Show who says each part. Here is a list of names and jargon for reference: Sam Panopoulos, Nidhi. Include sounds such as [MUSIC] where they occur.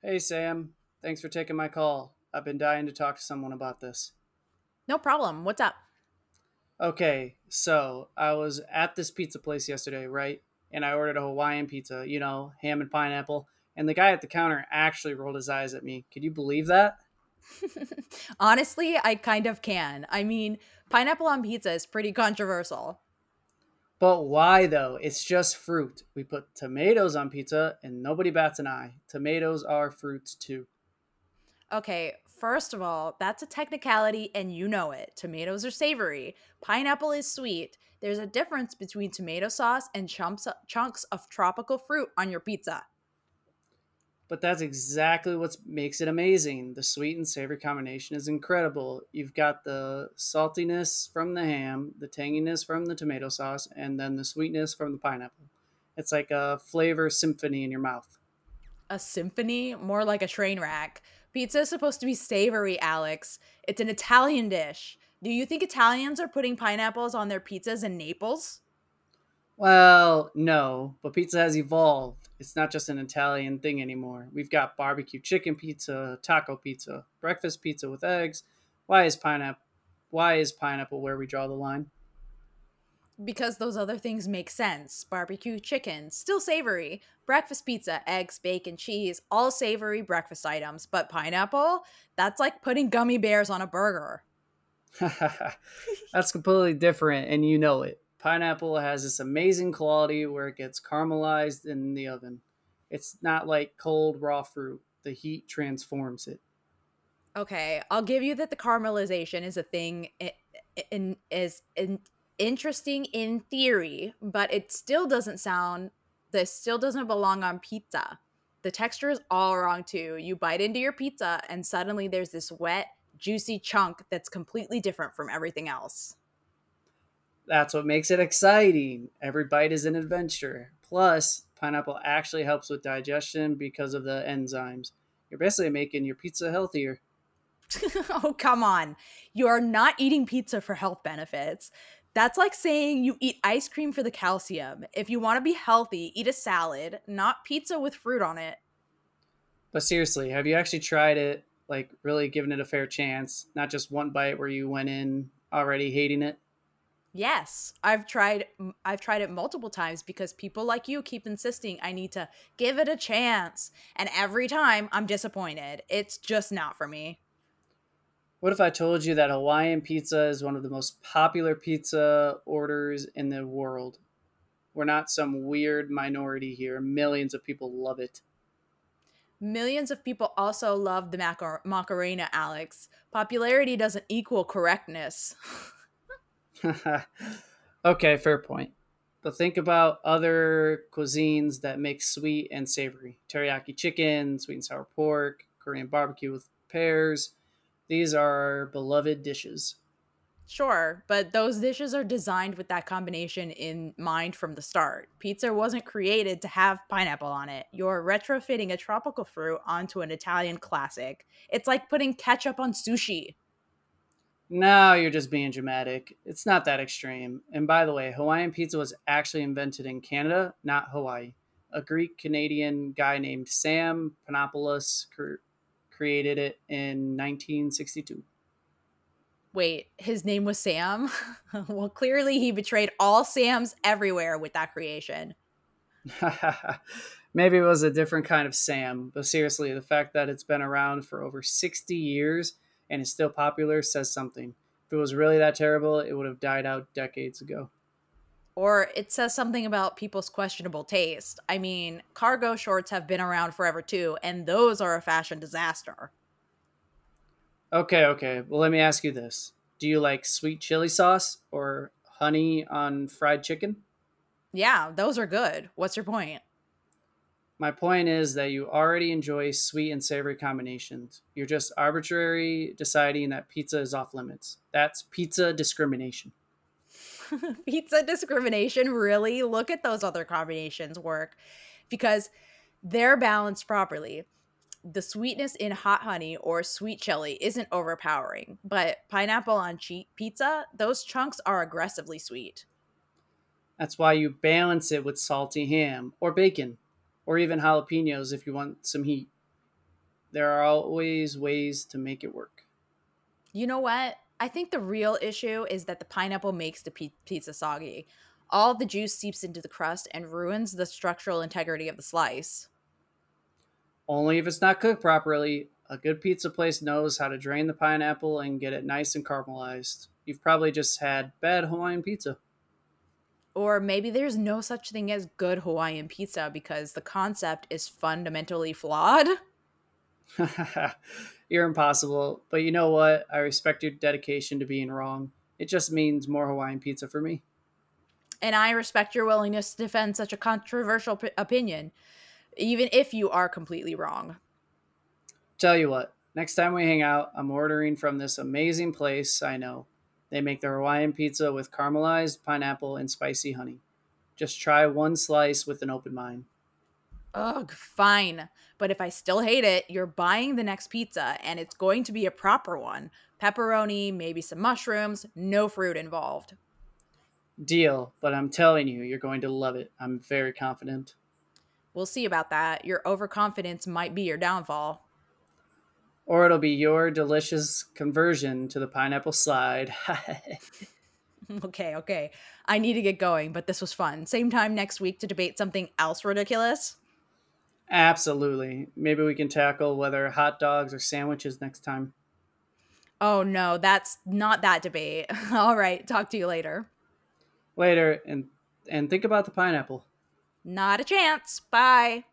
Speaker 1: Hey, Sam. Thanks for taking my call. I've been dying to talk to someone about this.
Speaker 2: No problem. What's up?
Speaker 1: Okay, so I was at this pizza place yesterday, right? And I ordered a Hawaiian pizza, you know, ham and pineapple. And the guy at the counter actually rolled his eyes at me. Could you believe that?
Speaker 2: [LAUGHS] Honestly, I kind of can. I mean, pineapple on pizza is pretty controversial.
Speaker 1: But why though? It's just fruit. We put tomatoes on pizza and nobody bats an eye. Tomatoes are fruits too.
Speaker 2: Okay, first of all, that's a technicality and you know it. Tomatoes are savory, pineapple is sweet. There's a difference between tomato sauce and chunks of tropical fruit on your pizza.
Speaker 1: But that's exactly what makes it amazing. The sweet and savory combination is incredible. You've got the saltiness from the ham, the tanginess from the tomato sauce, and then the sweetness from the pineapple. It's like a flavor symphony in your mouth.
Speaker 2: A symphony, more like a train wreck. Pizza is supposed to be savory, Alex. It's an Italian dish. Do you think Italians are putting pineapples on their pizzas in Naples?
Speaker 1: Well, no, but pizza has evolved. It's not just an Italian thing anymore. We've got barbecue chicken pizza, taco pizza, breakfast pizza with eggs. Why is pineapple why is pineapple where we draw the line?
Speaker 2: Because those other things make sense. Barbecue chicken, still savory. Breakfast pizza, eggs, bacon, cheese, all savory breakfast items. But pineapple? That's like putting gummy bears on a burger.
Speaker 1: [LAUGHS] That's completely different, and you know it. Pineapple has this amazing quality where it gets caramelized in the oven. It's not like cold raw fruit, the heat transforms it.
Speaker 2: Okay, I'll give you that the caramelization is a thing I- in is in, interesting in theory, but it still doesn't sound this still doesn't belong on pizza. The texture is all wrong too. You bite into your pizza and suddenly there's this wet, juicy chunk that's completely different from everything else.
Speaker 1: That's what makes it exciting. Every bite is an adventure. Plus, pineapple actually helps with digestion because of the enzymes. You're basically making your pizza healthier.
Speaker 2: [LAUGHS] Oh, come on. You're not eating pizza for health benefits. That's like saying you eat ice cream for the calcium. If you want to be healthy, eat a salad, not pizza with fruit on it.
Speaker 1: But seriously, have you actually tried it? Like, really given it a fair chance? Not just one bite where you went in already hating it?
Speaker 2: Yes, I've tried it multiple times because people like you keep insisting I need to give it a chance and every time I'm disappointed. It's just not for me.
Speaker 1: What if I told you that Hawaiian pizza is one of the most popular pizza orders in the world? We're not some weird minority here. Millions of people love it.
Speaker 2: Millions of people also love the Macarena, Alex. Popularity doesn't equal correctness. [LAUGHS]
Speaker 1: [LAUGHS] Okay, fair point. But think about other cuisines that make sweet and savory teriyaki chicken, sweet and sour pork, Korean barbecue with pears. These are our beloved dishes.
Speaker 2: Sure, but those dishes are designed with that combination in mind from the start. Pizza wasn't created to have pineapple on it. You're retrofitting a tropical fruit onto an Italian classic. It's like putting ketchup on sushi.
Speaker 1: No, you're just being dramatic. It's not that extreme. And by the way, Hawaiian pizza was actually invented in Canada, not Hawaii. A Greek Canadian guy named Sam Panopoulos created it in 1962.
Speaker 2: Wait, his name was Sam? [LAUGHS] Well, clearly he betrayed all Sams everywhere with that creation.
Speaker 1: [LAUGHS] Maybe it was a different kind of Sam, but seriously, the fact that it's been around for over 60 years and is still popular says something. If it was really that terrible, it would have died out decades ago.
Speaker 2: Or it says something about people's questionable taste. I mean, cargo shorts have been around forever too, and those are a fashion disaster.
Speaker 1: Okay, okay. Well, let me ask you this. Do you like sweet chili sauce or honey on fried chicken?
Speaker 2: Yeah, those are good. What's your point?
Speaker 1: My point is that you already enjoy sweet and savory combinations. You're just arbitrary deciding that pizza is off limits. That's pizza discrimination.
Speaker 2: [LAUGHS] Pizza discrimination, really? Look at those other combinations work because they're balanced properly. The sweetness in hot honey or sweet chili isn't overpowering, but pineapple on pizza, those chunks are aggressively sweet.
Speaker 1: That's why you balance it with salty ham or bacon or even jalapenos if you want some heat. There are always ways to make it work.
Speaker 2: You know what? I think the real issue is that the pineapple makes the pizza soggy. All the juice seeps into the crust and ruins the structural integrity of the slice.
Speaker 1: Only if it's not cooked properly. A good pizza place knows how to drain the pineapple and get it nice and caramelized. You've probably just had bad Hawaiian pizza.
Speaker 2: Or maybe there's no such thing as good Hawaiian pizza because the concept is fundamentally flawed.
Speaker 1: [LAUGHS] You're impossible, but you know what? I respect your dedication to being wrong. It just means more Hawaiian pizza for me.
Speaker 2: And I respect your willingness to defend such a controversial opinion, even if you are completely wrong.
Speaker 1: Tell you what, next time we hang out, I'm ordering from this amazing place I know. They make their Hawaiian pizza with caramelized pineapple and spicy honey. Just try one slice with an open mind.
Speaker 2: Ugh, fine. But if I still hate it, you're buying the next pizza and it's going to be a proper one. Pepperoni, maybe some mushrooms, no fruit involved.
Speaker 1: Deal, but I'm telling you, you're going to love it. I'm very confident.
Speaker 2: We'll see about that. Your overconfidence might be your downfall.
Speaker 1: Or it'll be your delicious conversion to the pineapple slide.
Speaker 2: [LAUGHS] Okay, okay. I need to get going, but this was fun. Same time next week to debate something else ridiculous.
Speaker 1: [LAUGHS] Absolutely. Maybe we can tackle whether hot dogs or sandwiches next time.
Speaker 2: Oh no, that's not that debate. [LAUGHS] All right, talk to you later.
Speaker 1: Later, and think about the pineapple.
Speaker 2: Not a chance. Bye.